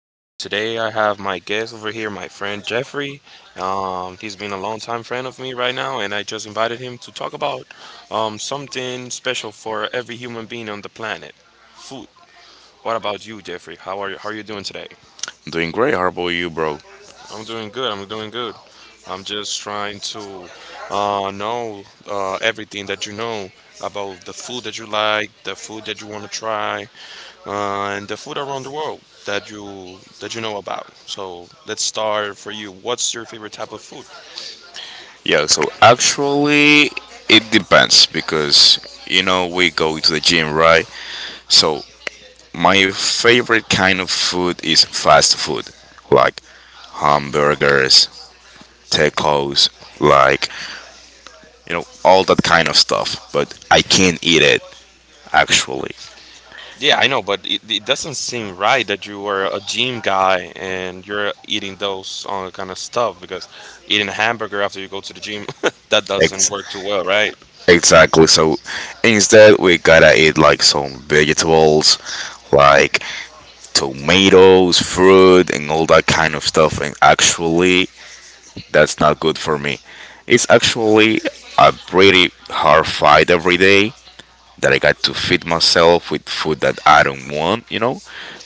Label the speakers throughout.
Speaker 1: Today I have my guest over here, my friend Jeffrey. He's been a longtime friend of me right now, and I just invited him to talk about something special for every human being on the planet, food. What about you, Jeffrey? How are you doing today?
Speaker 2: Doing great. How about you, bro?
Speaker 1: I'm doing good. I'm doing good. I'm just trying to know everything that you know about the food that you like, the food that you want to try, and the food around the world that you know about. So let's start for you. What's your favorite type of food?
Speaker 2: Yeah, so actually, it depends because you know we go to the gym, right? So my favorite kind of food is fast food, like hamburgers, tacos, like you know all that kind of stuff. But I can't eat it actually.
Speaker 1: Yeah, I know, but it doesn't seem right that you are a gym guy and you're eating those kind of stuff, because eating a hamburger after you go to the gym, that doesn't
Speaker 2: Ex-
Speaker 1: work too well, right?
Speaker 2: exactly. So instead, we gotta eat like some vegetables, like tomatoes, fruit, and all that kind of stuff. And actually, that's not good for me. It's actually a pretty hard fight every day that I got to feed myself with food that I don't want,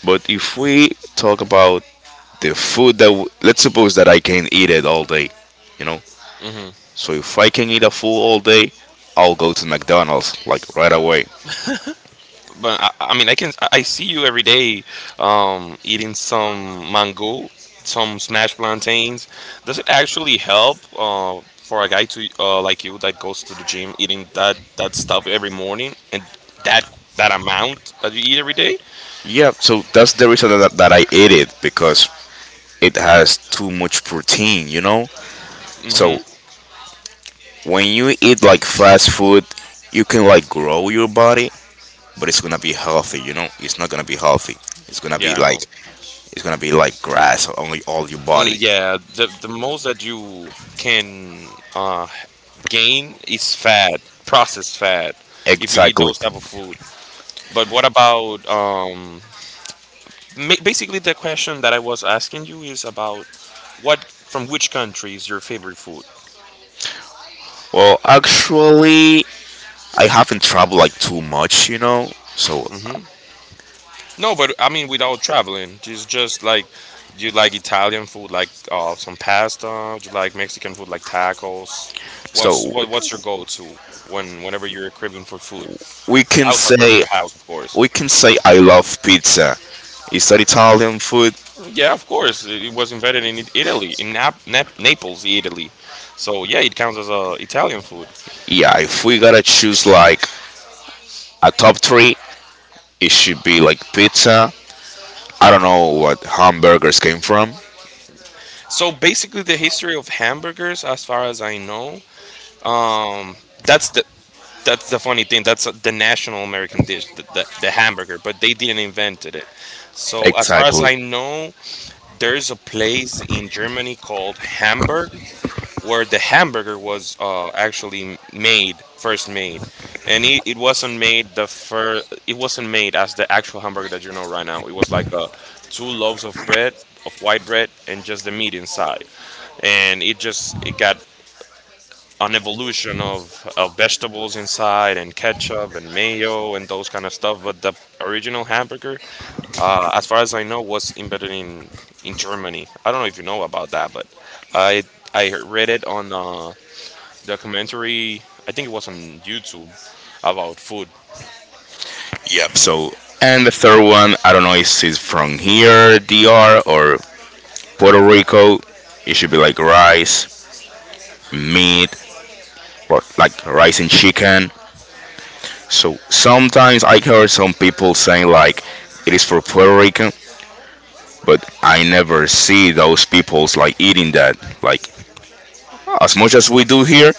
Speaker 2: But if we talk about the food that, let's suppose that I can eat it all day, you know. So if I can eat a food all day, I'll go to McDonald's like right away.
Speaker 1: But I mean, I can I see you every day eating some mango, some smashed plantains. Does it actually help for a guy to like you that goes to the gym eating that stuff every morning and that that amount that you eat every day?
Speaker 2: Yeah, so that's the reason that I eat it because it has too much protein, you know? So
Speaker 1: Mm-hmm.
Speaker 2: when you eat like fast food, you can like grow your body, but it's gonna be healthy. You know, it's not gonna be healthy. It's gonna
Speaker 1: Yeah,
Speaker 2: be
Speaker 1: I
Speaker 2: like
Speaker 1: know.
Speaker 2: grass only all your
Speaker 1: Uh,
Speaker 2: body.
Speaker 1: Yeah, the most that you can gain is fat, processed fat, if you eat
Speaker 2: Exactly.
Speaker 1: those type of food. But what about basically, the question that I was asking you is about what, from which country is your favorite food?
Speaker 2: Well, actually, I haven't traveled like too much. You know, so
Speaker 1: Hmm. No, but I mean without traveling, just like do you like Italian food, like some pasta? Do you like Mexican food, like tacos? What's
Speaker 2: so
Speaker 1: what, what's your go-to whenever you're craving for food
Speaker 2: we can
Speaker 1: outside from
Speaker 2: say
Speaker 1: your house, of course?
Speaker 2: I love pizza. Is that Italian food?
Speaker 1: Yeah, of course. It was invented in Italy, in Naples, Italy. So yeah, it counts as a Italian food.
Speaker 2: Yeah, if we gotta choose like a top three, it should be like pizza. I don't know what hamburgers came from.
Speaker 1: So basically, the history of hamburgers, as far as I know, that's the that's the funny thing. That's the national American dish, the hamburger. But they didn't invented it. So as far as
Speaker 2: Exactly.
Speaker 1: I know, there's a place in Germany called Hamburg where the hamburger was actually made, first made, and it wasn't made the it wasn't made as the actual hamburger that you know right now. It was like two loaves of bread, of white bread, and just the meat inside, and it got an evolution of vegetables inside, and ketchup and mayo and those kind of stuff. But the original hamburger, as far as I know, was embedded in Germany. I don't know if you know about that, but I I read it on. Documentary. I think it was on YouTube about food.
Speaker 2: Yep. So, and the third one, I don't know if it's from here, DR, or Puerto Rico. It should be like rice, meat, or like rice and chicken. So sometimes I hear some people saying like it is for Puerto Rican, but I never see those peoples like eating that. Like as much as we do here.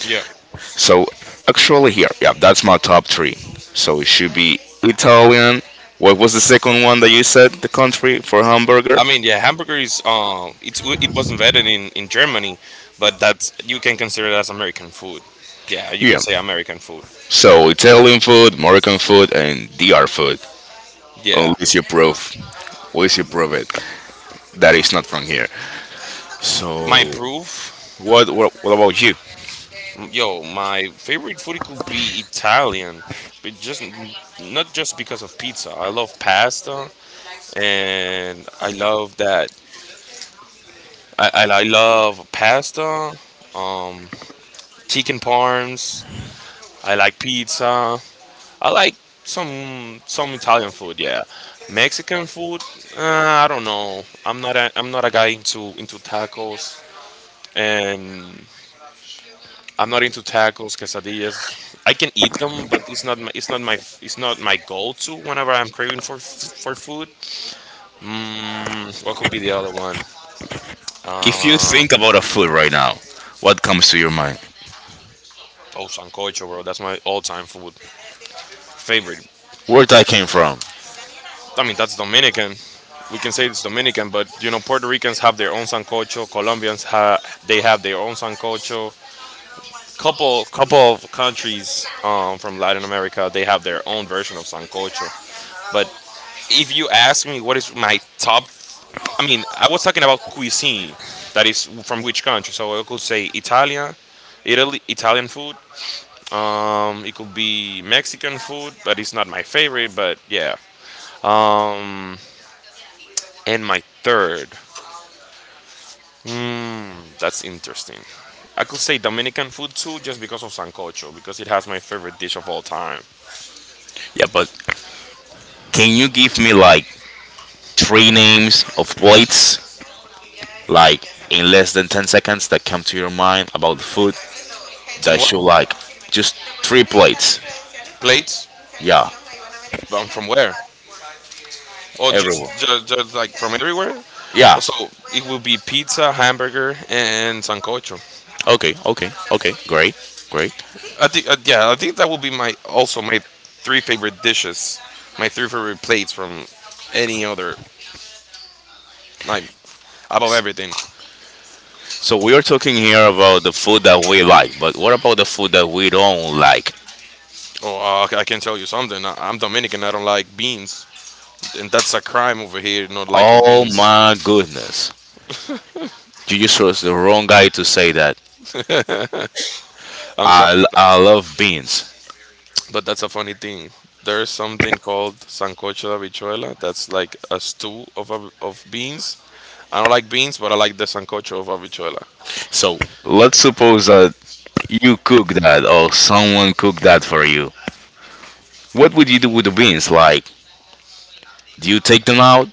Speaker 1: Yeah.
Speaker 2: So actually here, yeah, that's my top three. So it should be Italian. What was the second one that you said? The country for hamburger?
Speaker 1: I mean, yeah, hamburger is it was invented in Germany, but that's, you can consider it as American food. Yeah, you
Speaker 2: Yeah.
Speaker 1: can say American food.
Speaker 2: So Italian food, Moroccan food, and DR food.
Speaker 1: Yeah,
Speaker 2: Unless you prove, unless you prove it, that is not from here.
Speaker 1: my
Speaker 2: So
Speaker 1: proof,
Speaker 2: what about you?
Speaker 1: yo, my favorite food could be Italian, but just not just because of pizza. I love pasta, and I love that. I love pasta, um, chicken parms, I like pizza. I like some Italian food. Yeah, Mexican food. Uh, I don't know. I'm not a guy into tacos, and I'm not into tacos, quesadillas. I can eat them, but it's not my, it's not my go-to whenever I'm craving for for food. Mm, what could be the other one?
Speaker 2: If you
Speaker 1: Uh,
Speaker 2: think about a food right now, what comes to your mind?
Speaker 1: oh, sancocho, bro. That's my all-time food favorite.
Speaker 2: Where that came from?
Speaker 1: I mean, that's Dominican. We can say it's Dominican, but you know, Puerto Ricans have their own sancocho. Colombians they have their own sancocho. Couple of countries from Latin America they have their own version of sancocho. But if you ask me, what is my top? I mean, I was talking about cuisine. That is from which country? So I could say Italia, Italy, Italian food. It could be Mexican food, but it's not my favorite. But yeah. Um, and my third. Mm, that's interesting. I could say Dominican food too, just because of sancocho, because it has my favorite dish of all time.
Speaker 2: Yeah, but can you give me like three names of plates like in less than 10 seconds that come to your mind about the food
Speaker 1: Then what
Speaker 2: that you like. Just three plates.
Speaker 1: plates?
Speaker 2: Yeah.
Speaker 1: From where? Or
Speaker 2: Everyone,
Speaker 1: just, just like from everywhere?
Speaker 2: yeah.
Speaker 1: Also, it will be pizza, hamburger, and sancocho.
Speaker 2: Okay, okay, okay, great, great.
Speaker 1: I think I think that will be my, also my three favorite dishes, my three favorite plates from any other, like, above everything.
Speaker 2: So we are talking here about the food that we like, but what about the food that we don't like?
Speaker 1: Oh, I can tell you something. I'm Dominican. I don't like beans. And that's a crime over here, not liking
Speaker 2: Oh
Speaker 1: beans.
Speaker 2: my goodness, you just was the wrong guy to say that.
Speaker 1: I'm sorry,
Speaker 2: i,
Speaker 1: but
Speaker 2: I love beans.
Speaker 1: but that's a funny thing. There's something called sancocho de habichuela. That's like a stew of of beans. I don't like beans, but I like the sancocho of habichuela.
Speaker 2: So let's suppose that you cook that or someone cooked that for you. What would you do with the beans, like, do you take them out?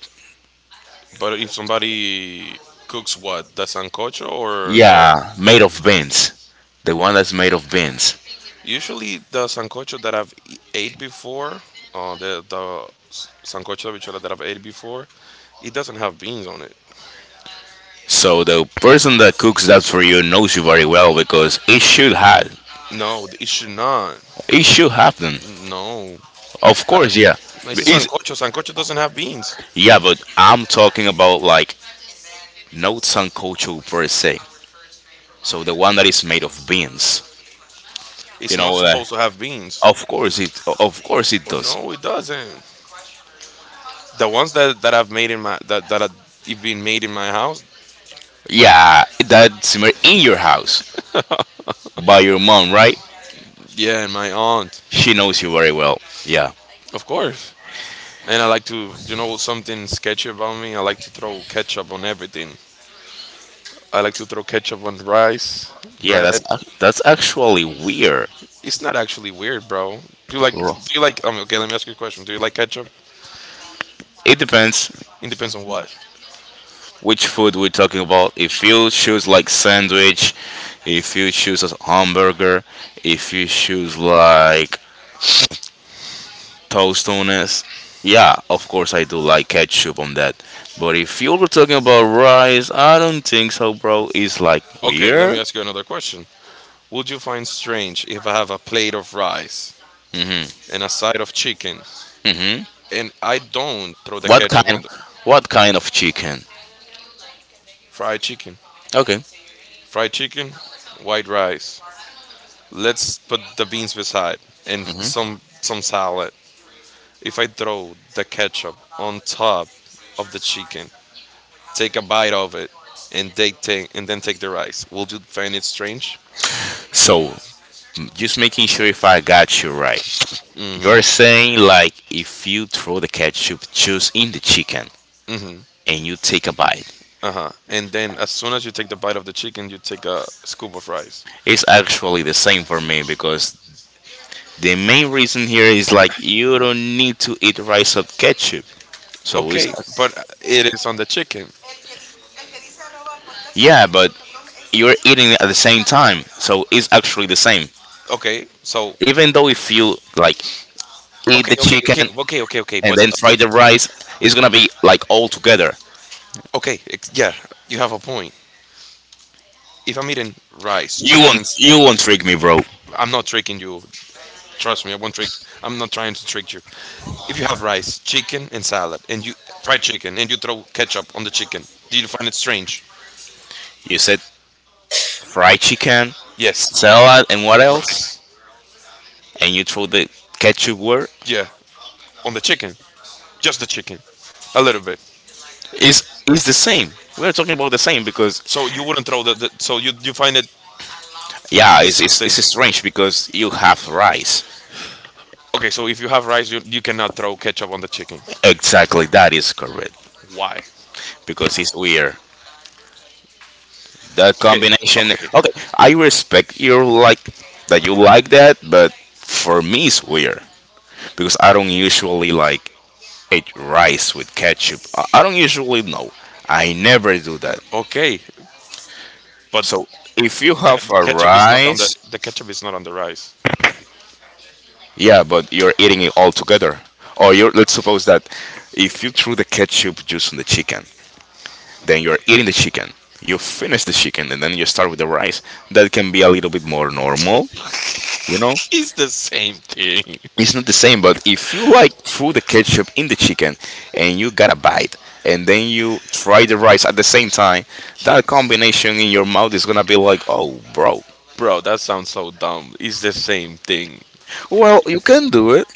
Speaker 1: But if somebody cooks, what, the sancocho or the.
Speaker 2: Yeah, made of beans. The one that's made of beans.
Speaker 1: Usually the sancocho that ate before, sancocho de habichuela that I've ate before, it doesn't have beans on it.
Speaker 2: So the person that cooks that for you knows you very well because it should have
Speaker 1: No, it should not.
Speaker 2: them.
Speaker 1: No.
Speaker 2: Of course, yeah.
Speaker 1: It's a
Speaker 2: It's,
Speaker 1: sancocho. Sancocho doesn't have beans.
Speaker 2: yeah, but I'm talking about like notes and culture per se. So the one that is made of beans.
Speaker 1: It's
Speaker 2: You
Speaker 1: not
Speaker 2: know
Speaker 1: supposed
Speaker 2: that
Speaker 1: to have beans.
Speaker 2: of course it
Speaker 1: Oh
Speaker 2: does.
Speaker 1: no, it doesn't. The ones that, that I've made in my, that that have been made in my house.
Speaker 2: Yeah, that's made in your house by your mom, right?
Speaker 1: Yeah, and my aunt,
Speaker 2: She knows you very well. Yeah.
Speaker 1: of course. And I like to, you know, something sketchy about me. I like to throw ketchup on everything. I like to throw ketchup on rice,
Speaker 2: Yeah, that's
Speaker 1: bread.
Speaker 2: ac- that's actually weird.
Speaker 1: It's not actually weird, bro. Do you like? Do you like? Okay, let me ask you a question. Do you like ketchup?
Speaker 2: It depends
Speaker 1: It depends on what.
Speaker 2: which food we're talking about. If you choose like sandwich, if you choose a hamburger, if you choose like tostones, yeah, of course I do like ketchup on that. But if you were talking about rice, I don't think so, bro. It's like
Speaker 1: Okay, let me
Speaker 2: weird.
Speaker 1: ask you another question. Would you find strange if I have a plate of rice
Speaker 2: Hmm.
Speaker 1: and a side of chicken?
Speaker 2: Hmm.
Speaker 1: And I don't throw the
Speaker 2: What
Speaker 1: ketchup
Speaker 2: kind?
Speaker 1: on the
Speaker 2: What kind of chicken?
Speaker 1: fried chicken.
Speaker 2: Okay.
Speaker 1: Fried chicken, white rice. Let's put the beans beside and
Speaker 2: Hmm.
Speaker 1: some salad. If I throw the ketchup on top of the chicken, take a bite of it, and they take and then take the rice. Will you find it strange?
Speaker 2: So just making sure if I got you right. You're saying like if you throw the ketchup juice in the chicken,
Speaker 1: Mm-hmm.
Speaker 2: and you take a bite.
Speaker 1: Uh-huh. And then as soon as you take the bite of the chicken, you take a scoop of rice.
Speaker 2: It's actually the same for me because the main reason here is like you don't need to eat rice with ketchup. So it's
Speaker 1: Okay, but it is on the chicken.
Speaker 2: yeah, but you're eating it at the same time. So it's actually the same.
Speaker 1: Okay, so
Speaker 2: Even though if you like eat
Speaker 1: okay,
Speaker 2: the chicken and
Speaker 1: but
Speaker 2: then fry
Speaker 1: okay,
Speaker 2: the rice, it's gonna be like all together.
Speaker 1: yeah, you have a point. If I'm eating rice, chicken, and
Speaker 2: You won't trick me, bro.
Speaker 1: I'm not tricking you. Trust me, I won't trick. I'm not trying to trick you. If you have rice, chicken, and salad, and you fried chicken, and you throw ketchup on the chicken, do you find it strange?
Speaker 2: You said fried chicken,
Speaker 1: Yes,
Speaker 2: salad, and what
Speaker 1: and
Speaker 2: else?
Speaker 1: rice.
Speaker 2: And you throw the ketchup word.
Speaker 1: Yeah, on the chicken, just the chicken, a little bit.
Speaker 2: It's the same. We're talking about the same because
Speaker 1: So you wouldn't throw the. The so you find it
Speaker 2: yeah,
Speaker 1: disgusting.
Speaker 2: it's strange because you have rice.
Speaker 1: Okay, so if you have rice, you cannot throw ketchup on the chicken.
Speaker 2: Exactly, that is correct
Speaker 1: Why?
Speaker 2: because it's weird. That
Speaker 1: Okay,
Speaker 2: combination.
Speaker 1: okay.
Speaker 2: Okay, I respect your like that you like that, but for me it's weird because I don't usually like eat rice with ketchup. I don't usually know. I never do that.
Speaker 1: Okay, but
Speaker 2: So if you
Speaker 1: the
Speaker 2: have a
Speaker 1: ketchup is not on the
Speaker 2: rice,
Speaker 1: the ketchup is not on the rice.
Speaker 2: yeah, but you're eating it all together. Or you're let's suppose that if you threw the ketchup juice on the chicken, then you're eating the chicken. You finish the chicken and then you start with the rice. That can be a little bit more normal, you know?
Speaker 1: It's the same thing.
Speaker 2: It's not the same, but if you like threw the ketchup in the chicken and you got a bite and then you try the rice at the same time, that combination in your mouth is gonna be like, oh, bro.
Speaker 1: Bro, that sounds so dumb. It's the same thing.
Speaker 2: Well, you can do it,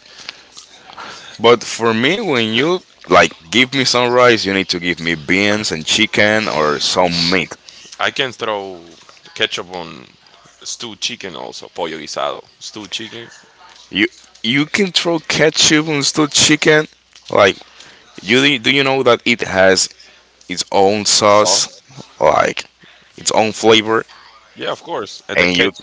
Speaker 2: but for me, when you like give me some rice, you need to give me beans and chicken or some meat.
Speaker 1: I can throw the ketchup on stewed chicken also, pollo guisado. Stewed chicken.
Speaker 2: You you can throw ketchup on still chicken. Like You do you know that it has its own
Speaker 1: Oh.
Speaker 2: sauce, like its own flavor,
Speaker 1: Yeah, of course. And the
Speaker 2: and you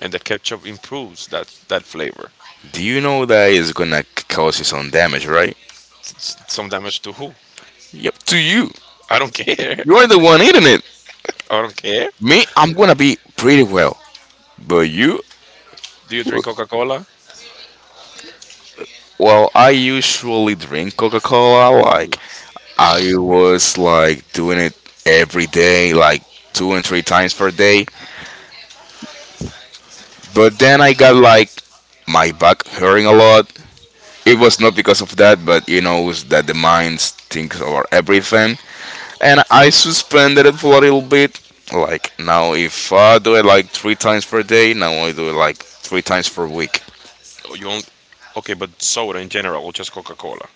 Speaker 1: and the ketchup improves that flavor.
Speaker 2: do you know that it's gonna cause you some damage, right?
Speaker 1: It's some damage to who?
Speaker 2: Yep, to you.
Speaker 1: I don't care.
Speaker 2: You are the one eating it.
Speaker 1: I don't care.
Speaker 2: Me, I'm gonna be pretty well, but you.
Speaker 1: Do you drink Coca-Cola?
Speaker 2: Well, I usually drink Coca-Cola. Like I was like doing it every day, like two and three times per day. But then I got like my back hurting a lot. It was not because of that, but he knows that the minds think over everything. And I suspended it for a little bit. Like now, if I do it like three times per day, now I do it like three times per week.
Speaker 1: Oh, you only. Okay, but soda in general or just Coca-Cola?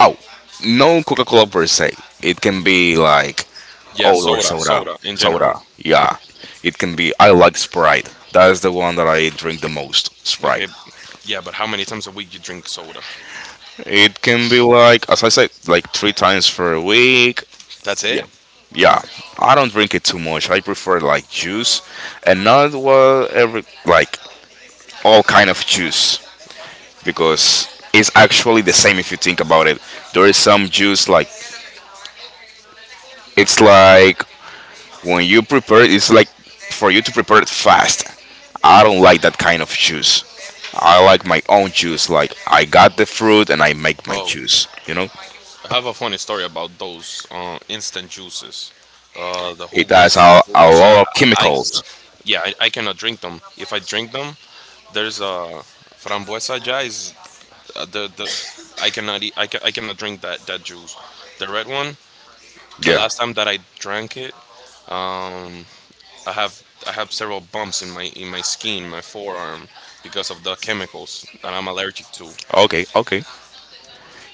Speaker 2: Oh, no Coca Cola per se. It can be like
Speaker 1: Yeah,
Speaker 2: oh or
Speaker 1: soda,
Speaker 2: soda,
Speaker 1: soda in
Speaker 2: soda.
Speaker 1: general.
Speaker 2: Yeah, it can be. I like Sprite. That's the one that I drink the most. Sprite.
Speaker 1: Okay, yeah, but how many times a week you drink soda?
Speaker 2: It can be like, as I said, like three times for a week.
Speaker 1: That's
Speaker 2: Yeah,
Speaker 1: it?
Speaker 2: yeah. I don't drink it too much. I prefer like juice, and not well every like all kind of juice because it's actually the same if you think about it. There is some juice like it's like when you prepare, it, it's like for you to prepare it fast. I don't like that kind of juice. I like my own juice. Like I got the fruit and I make my
Speaker 1: Oh,
Speaker 2: juice. You know,
Speaker 1: I have a funny story about those instant juices. The
Speaker 2: it has
Speaker 1: jugos,
Speaker 2: a
Speaker 1: jugos ja,
Speaker 2: lot of
Speaker 1: I
Speaker 2: chemicals.
Speaker 1: yeah, I cannot drink them. If I drink them, there's a frambuesa ja is the I cannot eat. I cannot drink that juice. The red one. The
Speaker 2: Yeah.
Speaker 1: last time that I drank it, I have several bumps in my, in my skin, my forearm, because of the chemicals that I'm allergic to.
Speaker 2: Okay. Okay.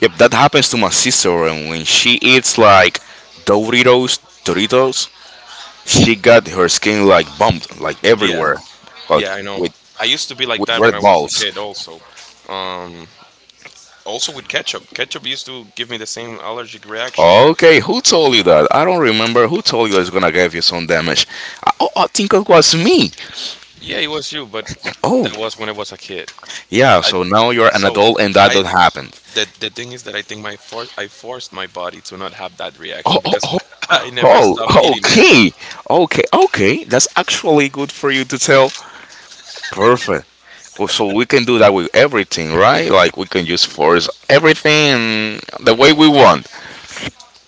Speaker 2: Yep. That happens to my sister, and when she eats like Doritos, she got her skin like bumped like
Speaker 1: Yeah,
Speaker 2: everywhere, like
Speaker 1: yeah, I know.
Speaker 2: with
Speaker 1: I used to be like that when I
Speaker 2: red
Speaker 1: was a
Speaker 2: balls.
Speaker 1: kid, also. Um, Also with ketchup. Ketchup used to give me the same allergic reaction.
Speaker 2: Okay. Who told you that? I don't remember. Who told you it's gonna give you some damage? I think it was me.
Speaker 1: Yeah, it was you, but
Speaker 2: Oh,
Speaker 1: that was when I was a kid.
Speaker 2: yeah.
Speaker 1: I
Speaker 2: So now you're an
Speaker 1: so
Speaker 2: adult, and that
Speaker 1: I
Speaker 2: don't happen.
Speaker 1: the thing is that I think my for I forced my body to not have that
Speaker 2: Oh,
Speaker 1: reaction,
Speaker 2: oh,
Speaker 1: because
Speaker 2: oh.
Speaker 1: I never stopped
Speaker 2: Oh,
Speaker 1: eating it.
Speaker 2: okay, okay, okay. That's actually good for you to tell. Perfect. Well, so we can do that with everything, right? Like we can just force everything the way we want.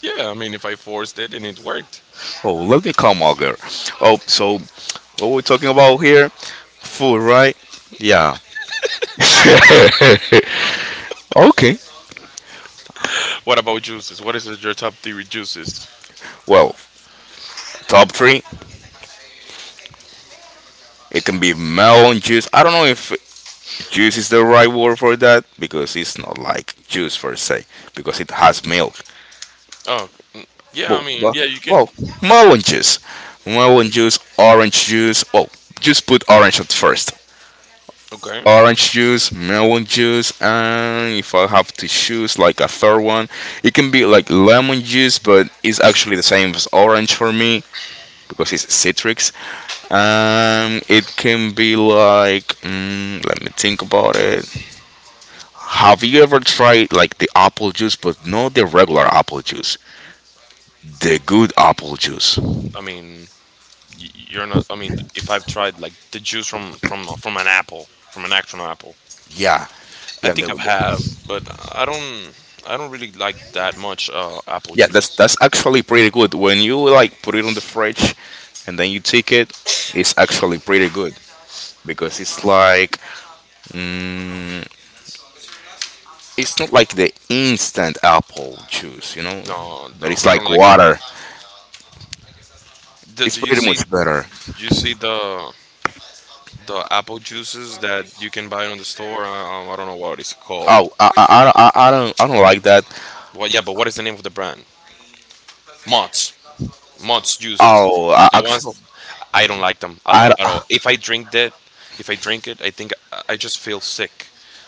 Speaker 1: Yeah, I mean if I forced it and it worked.
Speaker 2: Oh, let me come over. Oh, so what we're talking about here? Food, right? Yeah. Okay.
Speaker 1: What about juices? What is your top three juices?
Speaker 2: Well, top three. It can be melon juice. I don't know if juice is the right word for that because it's not like juice per se because it has milk.
Speaker 1: Oh, mm, yeah, I
Speaker 2: But,
Speaker 1: mean
Speaker 2: but
Speaker 1: yeah, you can.
Speaker 2: well, melon juice, melon juice, orange juice. Well, just put orange at first.
Speaker 1: Okay,
Speaker 2: Orange juice, melon juice, and if I have to choose like a third one, it can be like lemon juice, but it's actually the same as orange for me because it's citrus. It can be like, let me think about it. Have you ever tried like the apple juice, but not the regular apple juice, the good apple juice?
Speaker 1: I mean you're not. I mean, if I've tried like the juice from an apple, from an actual apple,
Speaker 2: Yeah,
Speaker 1: I
Speaker 2: yeah,
Speaker 1: think
Speaker 2: the,
Speaker 1: I've
Speaker 2: the-
Speaker 1: have, but I don't. I don't really like that much apple
Speaker 2: yeah.
Speaker 1: juice.
Speaker 2: That's actually pretty good when you like put it on the fridge, and then you take it. It's actually pretty good. Because it's like mm, it's not like the instant apple juice, you know,
Speaker 1: No,
Speaker 2: that
Speaker 1: no,
Speaker 2: is
Speaker 1: I don't
Speaker 2: like
Speaker 1: like it.
Speaker 2: water. It's
Speaker 1: Do you
Speaker 2: pretty
Speaker 1: see?
Speaker 2: much better.
Speaker 1: Do you see the apple juices that you can buy on the store? I don't know what it's called.
Speaker 2: I don't I don't like that.
Speaker 1: Well, yeah, but what is the name of the brand? Mott's. Mott's juices.
Speaker 2: Oh, I,
Speaker 1: The ones
Speaker 2: actually,
Speaker 1: I don't like them a
Speaker 2: I
Speaker 1: lot at all. If I drink that, if I drink it, I think I just feel sick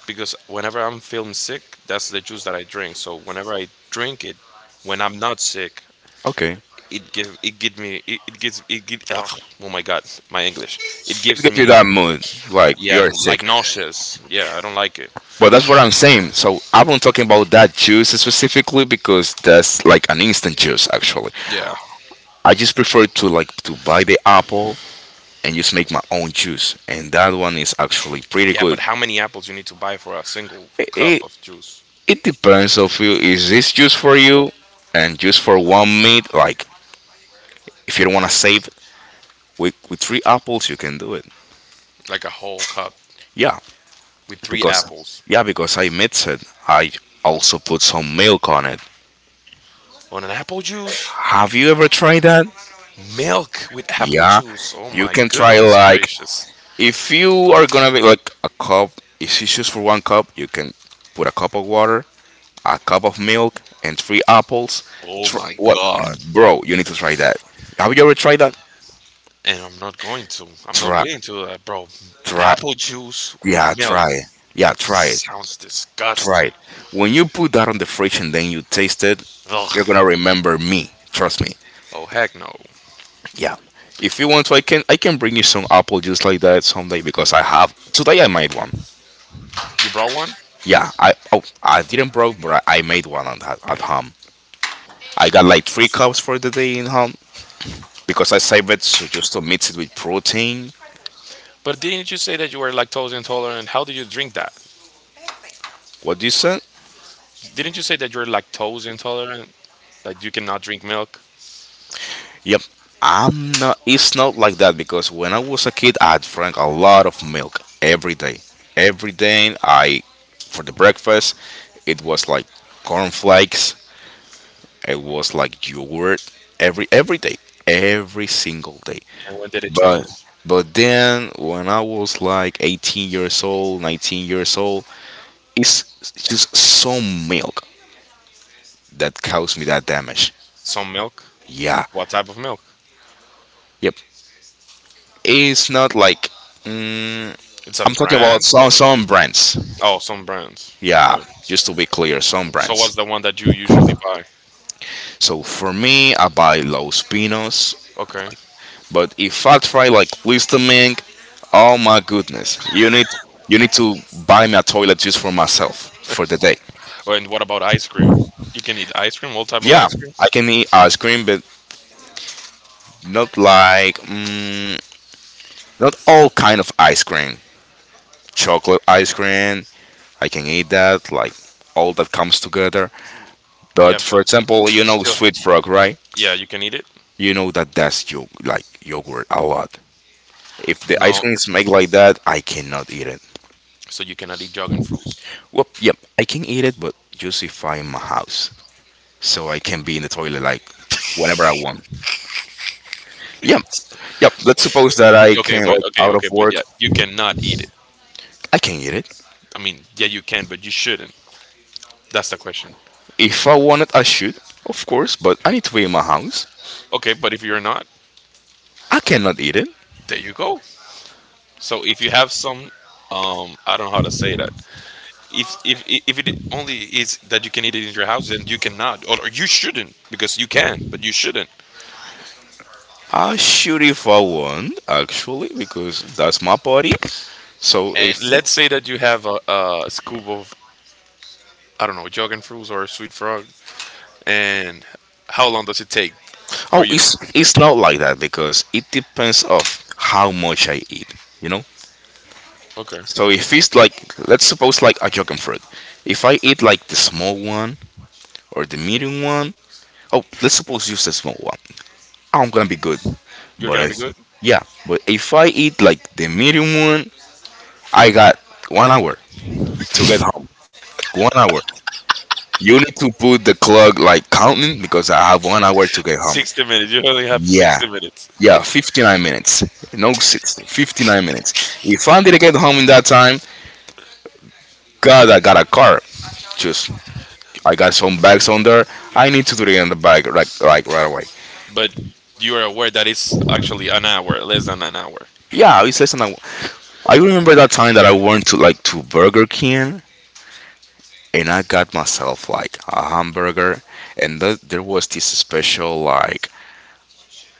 Speaker 1: because whenever I'm feeling sick, that's the juice that I drink. So whenever I drink it, when I'm not sick,
Speaker 2: okay.
Speaker 1: it give me it, it gives it give, ugh, oh my god, my English, it
Speaker 2: It
Speaker 1: gives
Speaker 2: gives you
Speaker 1: me,
Speaker 2: that mood, like
Speaker 1: yeah,
Speaker 2: you're
Speaker 1: like
Speaker 2: sick.
Speaker 1: nauseous, yeah, I don't like it.
Speaker 2: But that's what I'm saying. So I'm not talking about that juice specifically because that's like an instant juice. Actually,
Speaker 1: Yeah,
Speaker 2: I just prefer to like to buy the apple and just make my own juice, and that one is actually pretty
Speaker 1: yeah,
Speaker 2: good.
Speaker 1: but how many apples you need to buy for a single cup
Speaker 2: It,
Speaker 1: of juice?
Speaker 2: It depends of you. Is this just for you and just for one meat? Like if you don't want to save with three apples, you can do it.
Speaker 1: Like a whole cup
Speaker 2: Yeah,
Speaker 1: with three
Speaker 2: because
Speaker 1: apples?
Speaker 2: yeah, because I mix it. I also put some milk on it.
Speaker 1: On an apple juice?
Speaker 2: Have you ever tried that?
Speaker 1: Milk with apple
Speaker 2: Yeah,
Speaker 1: juice. Oh
Speaker 2: you
Speaker 1: my
Speaker 2: can try
Speaker 1: goodness
Speaker 2: like
Speaker 1: gracious.
Speaker 2: if you are gonna make like a cup. If it's just for one cup, you can put a cup of water, a cup of milk, and three apples.
Speaker 1: Oh
Speaker 2: Try,
Speaker 1: my
Speaker 2: what,
Speaker 1: god.
Speaker 2: bro? You need to try that. Have you ever tried that?
Speaker 1: And I'm not going to. I'm not
Speaker 2: Try,
Speaker 1: willing to do that, bro.
Speaker 2: try.
Speaker 1: Apple juice
Speaker 2: Yeah,
Speaker 1: with
Speaker 2: try
Speaker 1: milk.
Speaker 2: it. Yeah,
Speaker 1: That
Speaker 2: try it.
Speaker 1: sounds
Speaker 2: Try it.
Speaker 1: disgusting.
Speaker 2: When you put that on the fridge and then you taste it, you're
Speaker 1: Ugh.
Speaker 2: gonna remember me. Trust me.
Speaker 1: Oh heck no.
Speaker 2: Yeah. If you want to, I can bring you some apple juice like that someday because I have today I made one.
Speaker 1: You brought one?
Speaker 2: Yeah. I didn't broke, but I made one on that at home. I got like three cups for the day in home because I saved it so just to mix it with protein.
Speaker 1: But didn't you say that you were lactose intolerant? How did you drink that?
Speaker 2: What do you say?
Speaker 1: Didn't you say that you're lactose intolerant? That you cannot drink milk?
Speaker 2: Yep. I'm not it's not like that because when I was a kid I drank a lot of milk every day. Every day I for the breakfast it was like cornflakes, it was like yogurt every day. Every single day.
Speaker 1: And when did it
Speaker 2: But
Speaker 1: change?
Speaker 2: but then when I was like 18 years old, 19 years old, it's just some milk that caused me that damage.
Speaker 1: Some milk?
Speaker 2: Yeah.
Speaker 1: What type of milk?
Speaker 2: Yep. It's not like mm,
Speaker 1: It's a
Speaker 2: I'm talking about
Speaker 1: brand or
Speaker 2: some brands.
Speaker 1: oh, some brands.
Speaker 2: Yeah,
Speaker 1: Okay.
Speaker 2: just to be clear, some
Speaker 1: So
Speaker 2: brands.
Speaker 1: what's the one that you usually buy?
Speaker 2: So for me, I buy Los Pinos,
Speaker 1: Okay.
Speaker 2: but if I try like Listermink, oh my goodness, you need to buy me a toilet just for myself for the day.
Speaker 1: Oh, and what about ice cream? You can eat ice cream, all type of
Speaker 2: Yeah,
Speaker 1: ice creams.
Speaker 2: I can eat ice cream, but not like mm, not all kind of ice cream. Chocolate ice cream, I can eat that like all that comes together. But
Speaker 1: Yeah,
Speaker 2: for
Speaker 1: but
Speaker 2: example, you
Speaker 1: it's
Speaker 2: know
Speaker 1: still,
Speaker 2: sweet frog, right?
Speaker 1: yeah, you can eat it.
Speaker 2: You know that that's like yogurt a lot. If the ice
Speaker 1: No,
Speaker 2: cream
Speaker 1: n-
Speaker 2: is made like that, I cannot eat it.
Speaker 1: so you cannot eat dragon fruits.
Speaker 2: Well, yep, I can eat it, but just if I'm in my house, so I can be in the toilet like whenever I want. Yep, yep. Let's suppose that I
Speaker 1: Okay,
Speaker 2: can
Speaker 1: but
Speaker 2: like
Speaker 1: okay,
Speaker 2: out
Speaker 1: okay,
Speaker 2: of
Speaker 1: but
Speaker 2: work,
Speaker 1: yeah, you cannot eat it.
Speaker 2: I can eat it.
Speaker 1: I mean, yeah, you can, but you shouldn't. That's the question.
Speaker 2: If I want it, I should, of course, but I need to be in my house.
Speaker 1: Okay, but if you're not,
Speaker 2: I cannot eat it.
Speaker 1: there you go. So if you have some, I don't know how to say that. If it only is that you can eat it in your house, then you cannot, or you shouldn't, because you can, but you shouldn't.
Speaker 2: I should if I want, actually, because that's my body. So if
Speaker 1: And let's say that you have a scoop of, I don't know, Jogging Fruits or Sweet Frog. And how long does it take for
Speaker 2: Oh,
Speaker 1: you to?
Speaker 2: it's not like that because it depends of how much I eat. You know.
Speaker 1: Okay.
Speaker 2: So if it's like, let's suppose like a and fruit. If I eat like the small one or the medium one, oh, let's suppose use the small one. I'm gonna be good.
Speaker 1: You're
Speaker 2: But
Speaker 1: going to
Speaker 2: if
Speaker 1: be good?
Speaker 2: yeah, but if I eat like the medium one, I got 1 hour to get home. 1 hour. You need to put the clock like counting because I have 1 hour to get home.
Speaker 1: 60 minutes. You only have
Speaker 2: Yeah.
Speaker 1: 60 minutes.
Speaker 2: Yeah, 59 minutes. No, 60, 59 minutes. If I didn't get home in that time, God, I got a car. Just, I got some bags on there. I need to do it in the bag right away.
Speaker 1: But you are aware that it's actually an hour, less than an hour.
Speaker 2: Yeah, it says, and I remember that time that I went to like to Burger King and I got myself like a hamburger and there was this special like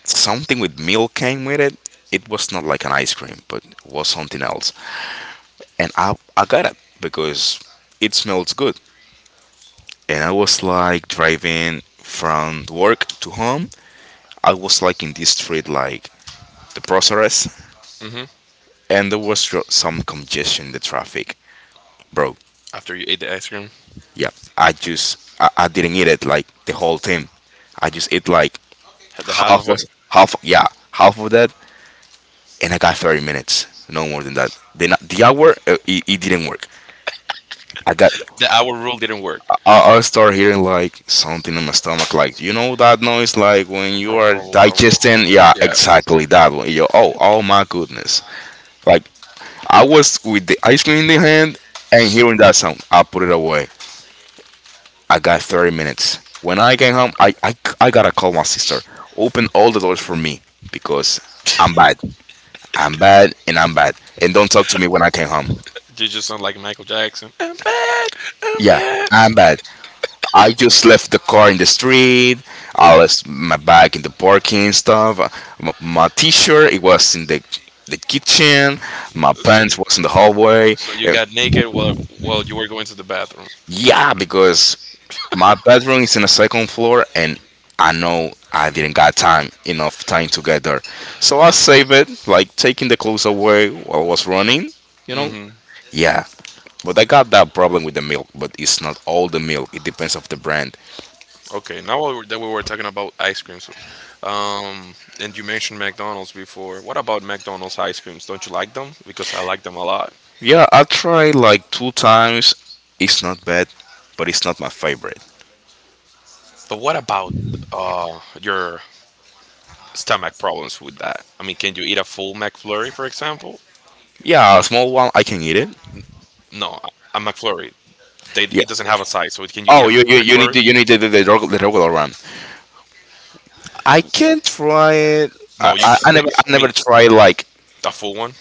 Speaker 2: something with milk came with it. It was not like an ice cream, but it was something else. And I got it because it smells good and I was like driving from work to home. I was like in this street, like the Proceres,
Speaker 1: Hmm.
Speaker 2: and there was some congestion in the traffic, bro.
Speaker 1: After you ate the ice cream,
Speaker 2: Yeah, I didn't eat it like the whole thing. I just ate like
Speaker 1: had the half of
Speaker 2: half
Speaker 1: it,
Speaker 2: of half yeah half of that, and I got 30 minutes, no more than that. Then the hour it didn't work. I got
Speaker 1: the hour rule didn't work.
Speaker 2: I start hearing like something in my stomach, like you know that noise, like when you are digesting. Yeah,
Speaker 1: Yeah.
Speaker 2: exactly that one. Yo, oh, oh my goodness! Like I was with the ice cream in the hand and hearing that sound, I put it away. I got 30 minutes. When I came home, I gotta call my sister. Open all the doors for me because I'm bad. I'm bad. And don't talk to me when I came home.
Speaker 1: You just sound like Michael Jackson. I'm bad. I'm
Speaker 2: Yeah,
Speaker 1: bad.
Speaker 2: I'm bad. I just left the car in the street. I left my bag in the parking stuff. My t-shirt it was in the kitchen. My
Speaker 1: So,
Speaker 2: pants was in the
Speaker 1: uh,
Speaker 2: hallway.
Speaker 1: so you
Speaker 2: And
Speaker 1: got naked while you were going to the bathroom.
Speaker 2: yeah, because my bedroom is in the second floor, and I know I didn't got time enough time to get there. So I saved it, like taking the clothes away while I was running. You know.
Speaker 1: Hmm.
Speaker 2: Yeah, but I got that problem with the milk. But it's not all the milk. It depends of the brand.
Speaker 1: Okay, now that we were talking about ice creams, and you mentioned McDonald's before. What about McDonald's ice creams? Don't you like them? Because I like them a lot.
Speaker 2: Yeah, I tried like two times. It's not bad, but it's not my favorite.
Speaker 1: But what about your stomach problems with that? I mean, can you eat a full McFlurry, for example?
Speaker 2: Yeah, a small one I can eat it.
Speaker 1: No, a McFlurry. They,
Speaker 2: Yeah.
Speaker 1: it doesn't have a size, so can you eat
Speaker 2: Oh,
Speaker 1: a
Speaker 2: you
Speaker 1: full
Speaker 2: you, you need
Speaker 1: McFlurry?
Speaker 2: the regular one. I can try it. I,
Speaker 1: No, you
Speaker 2: I, I
Speaker 1: can't.
Speaker 2: never I
Speaker 1: I
Speaker 2: never
Speaker 1: mean,
Speaker 2: tried like,
Speaker 1: a full one.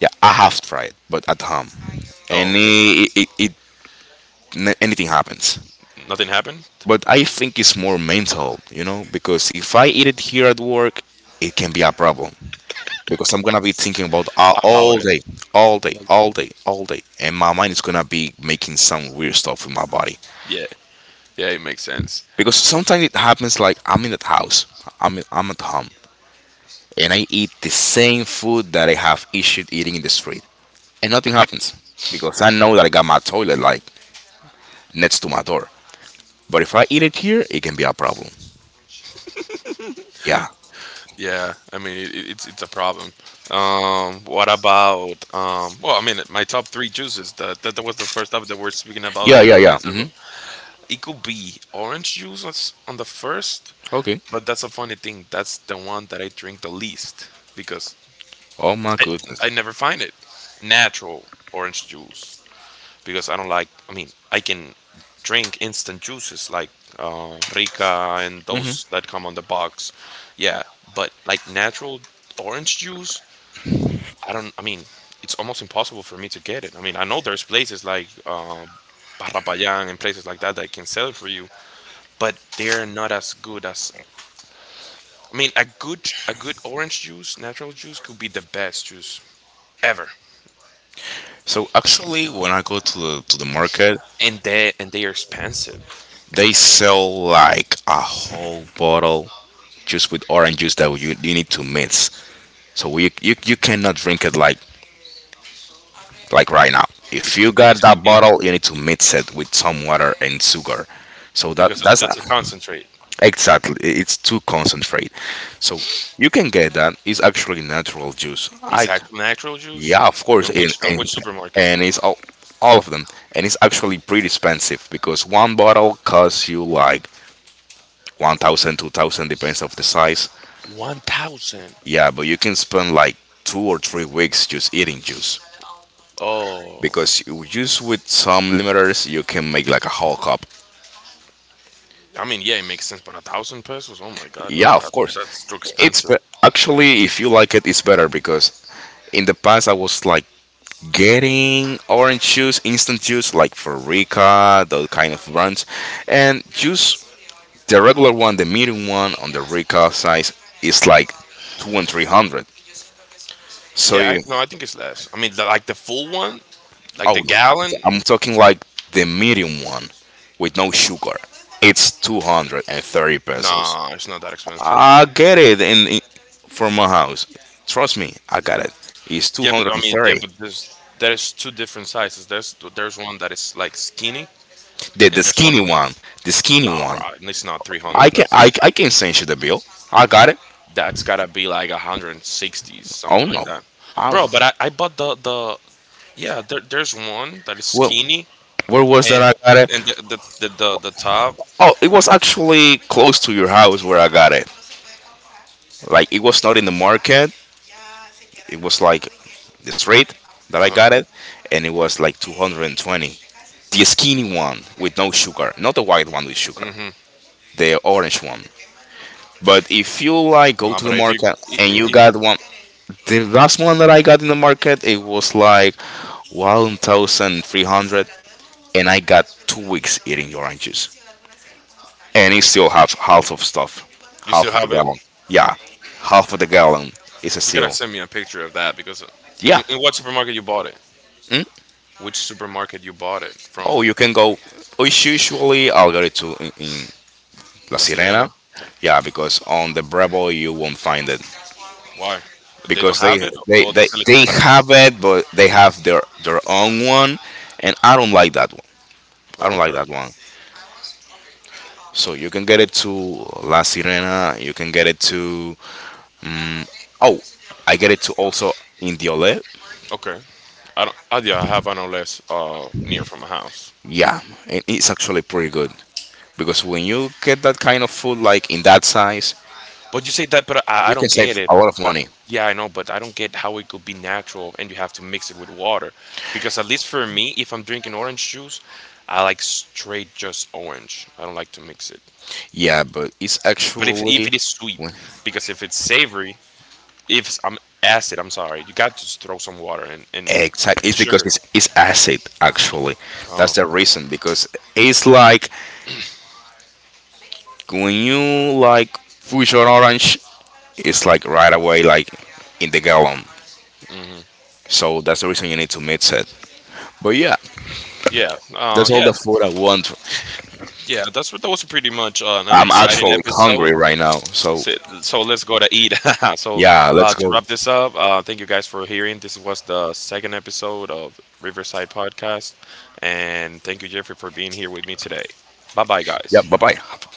Speaker 2: yeah, I have tried but at home,
Speaker 1: Oh,
Speaker 2: and
Speaker 1: okay.
Speaker 2: it anything happens.
Speaker 1: Nothing happened
Speaker 2: But I think it's more mental, because if I eat it here at work, it can be a problem. Because I'm gonna be thinking about all,
Speaker 1: about
Speaker 2: all
Speaker 1: it.
Speaker 2: day, all day,
Speaker 1: Yeah,
Speaker 2: all day, all day, and my mind is gonna be making some weird stuff in my body.
Speaker 1: yeah, it makes sense.
Speaker 2: Because sometimes it happens like I'm in the house, I'm at home, and I eat the same food that I have issued eating in the street, and nothing happens because I know that I got my toilet like next to my door. But if I eat it here, it can be a problem. Yeah,
Speaker 1: Yeah, I mean it's a problem. What about um? Well, I mean my top three juices. That was the first topic that we're speaking about a
Speaker 2: yeah, yeah,
Speaker 1: couple of
Speaker 2: yeah.
Speaker 1: minutes
Speaker 2: Hmm.
Speaker 1: ago. It could be orange juice on on the first,
Speaker 2: Okay.
Speaker 1: but that's a funny thing. That's the one that I drink the least because
Speaker 2: Oh my
Speaker 1: I I never
Speaker 2: goodness.
Speaker 1: find it natural orange juice because I don't like. I mean, I can drink instant juices like Rica and
Speaker 2: Hmm.
Speaker 1: those that come on the box. Yeah, but like natural orange juice, I don't. I mean, it's almost impossible for me to get it. I mean, I know there's places like Barrapayan and places like that that can sell it for you, but they're not as good as. I mean, a good orange juice, natural juice, could be the best juice ever,
Speaker 2: So actually, when I go to the market,
Speaker 1: and they are expensive.
Speaker 2: they sell like a whole bottle just with orange juice that you need to mix. So we, you cannot drink it like right now. If
Speaker 1: It's,
Speaker 2: you
Speaker 1: it's,
Speaker 2: got
Speaker 1: it's, it,
Speaker 2: that
Speaker 1: it,
Speaker 2: bottle, you need to mix it with some water and sugar. So that
Speaker 1: because
Speaker 2: that's
Speaker 1: that's a concentrate.
Speaker 2: exactly. It's too concentrate. So you can get that. It's actually natural juice.
Speaker 1: It's
Speaker 2: I
Speaker 1: actual natural juice?
Speaker 2: Yeah, of course,
Speaker 1: On
Speaker 2: and
Speaker 1: which on
Speaker 2: and,
Speaker 1: which supermarket?
Speaker 2: and it's all of them, and it's actually pretty expensive because one bottle costs you like 1,000, 2,000, depends of the size.
Speaker 1: 1,000.
Speaker 2: Yeah, but you can spend like 2 or 3 weeks just eating juice
Speaker 1: Oh,
Speaker 2: because juice with some limiters you can make like a whole cup.
Speaker 1: I mean, yeah, it makes sense, but a thousand pesos? Oh my God, no,
Speaker 2: Yeah, of
Speaker 1: that,
Speaker 2: course,
Speaker 1: that's too
Speaker 2: it's
Speaker 1: expensive.
Speaker 2: be- actually if you like it, it's better because in the past I was like getting orange juice, instant juice, like for Rica, those kind of brands, and juice. The regular one, the medium one on the Rica size is like two and three hundred. So
Speaker 1: Yeah, I,
Speaker 2: you,
Speaker 1: no, I think it's less. I mean, the, like the full one, like
Speaker 2: oh
Speaker 1: the
Speaker 2: no,
Speaker 1: gallon.
Speaker 2: I'm talking like the medium one with no sugar. It's 230 pesos.
Speaker 1: Nah, it's not that expensive.
Speaker 2: I get it in from my house. Trust me, I got it. It's two
Speaker 1: Yeah, but
Speaker 2: hundred
Speaker 1: I
Speaker 2: and
Speaker 1: mean, yeah,
Speaker 2: thirty.
Speaker 1: but there is two different sizes. There's one that is like skinny,
Speaker 2: The
Speaker 1: and there's one.
Speaker 2: skinny one, the
Speaker 1: Nah,
Speaker 2: skinny
Speaker 1: bro,
Speaker 2: one.
Speaker 1: it's not three
Speaker 2: I
Speaker 1: hundred
Speaker 2: can
Speaker 1: pesos.
Speaker 2: I, I can send you the bill. I got it.
Speaker 1: That's gotta be like 160,
Speaker 2: Oh
Speaker 1: something like
Speaker 2: no,
Speaker 1: that,
Speaker 2: I don't
Speaker 1: bro.
Speaker 2: know.
Speaker 1: But I bought the Yeah, there's one that is
Speaker 2: Well,
Speaker 1: skinny
Speaker 2: where was that
Speaker 1: and
Speaker 2: I got
Speaker 1: the
Speaker 2: it?
Speaker 1: the top.
Speaker 2: Oh, it was actually close to your house where I got it. Like it was not in the market. It was like the street that I
Speaker 1: Uh,
Speaker 2: got it, and it was like 220. The skinny one with no sugar, not the white one with sugar,
Speaker 1: mm-hmm.
Speaker 2: the orange one. But if you like go
Speaker 1: No,
Speaker 2: to the
Speaker 1: but if you,
Speaker 2: market and you
Speaker 1: you
Speaker 2: got one, the last one that I got in the market, it was like 1,300, and I got 2 weeks eating the oranges, and it still have half of stuff,
Speaker 1: you still
Speaker 2: half of the
Speaker 1: have it,
Speaker 2: gallon. Yeah, half of the gallon is a
Speaker 1: you gotta
Speaker 2: seal.
Speaker 1: send me a picture of that because
Speaker 2: Yeah.
Speaker 1: in what supermarket you bought it?
Speaker 2: Hmm?
Speaker 1: Which supermarket you bought it
Speaker 2: Oh,
Speaker 1: from?
Speaker 2: you can go. Oh, It's usually I'll get it to in La
Speaker 1: La
Speaker 2: Sirena.
Speaker 1: Sirena.
Speaker 2: Yeah, because on the Bravo you won't find it
Speaker 1: Why? They don't
Speaker 2: because they
Speaker 1: have it,
Speaker 2: they,
Speaker 1: or they
Speaker 2: they,
Speaker 1: sell it too
Speaker 2: they
Speaker 1: fast.
Speaker 2: have it, but they have their own one, and I don't like that one. I don't like
Speaker 1: Okay,
Speaker 2: that one. So you can get it to La Sirena. You can get it to oh, I get it to also Indiole.
Speaker 1: okay. I don't. I, yeah, I have an less near from my house.
Speaker 2: Yeah, and it's actually pretty good because when you get that kind of food like in that size,
Speaker 1: But you say that, but I
Speaker 2: you can
Speaker 1: don't get
Speaker 2: save
Speaker 1: it.
Speaker 2: a lot of
Speaker 1: But
Speaker 2: money.
Speaker 1: yeah, I know, but I don't get how it could be natural and you have to mix it with water. Because at least for me, if I'm drinking orange juice, I like straight just orange. I don't like to mix it.
Speaker 2: Yeah, but it's
Speaker 1: But
Speaker 2: actually
Speaker 1: if it is sweet,
Speaker 2: when
Speaker 1: because if it's savory, if I'm acid, I'm sorry, you got to just throw some water and
Speaker 2: exactly
Speaker 1: and
Speaker 2: it's because
Speaker 1: sugar.
Speaker 2: it's acid, actually.
Speaker 1: Oh
Speaker 2: That's the reason because it's like when you like push an orange, it's like right away like in the gallon. So that's the reason you need to mix it. But yeah,
Speaker 1: yeah,
Speaker 2: that's all
Speaker 1: yeah,
Speaker 2: the food I want.
Speaker 1: yeah. That's what that was pretty much an
Speaker 2: I'm
Speaker 1: exciting
Speaker 2: actually
Speaker 1: episode.
Speaker 2: hungry right now. So
Speaker 1: So, so let's go to eat. So
Speaker 2: yeah, let's
Speaker 1: to
Speaker 2: go.
Speaker 1: wrap this up, thank you guys for hearing. This was the second episode of Riverside Podcast, and thank you Jeffrey for being here with me today. Bye bye,
Speaker 2: Yeah, bye
Speaker 1: guys.
Speaker 2: bye.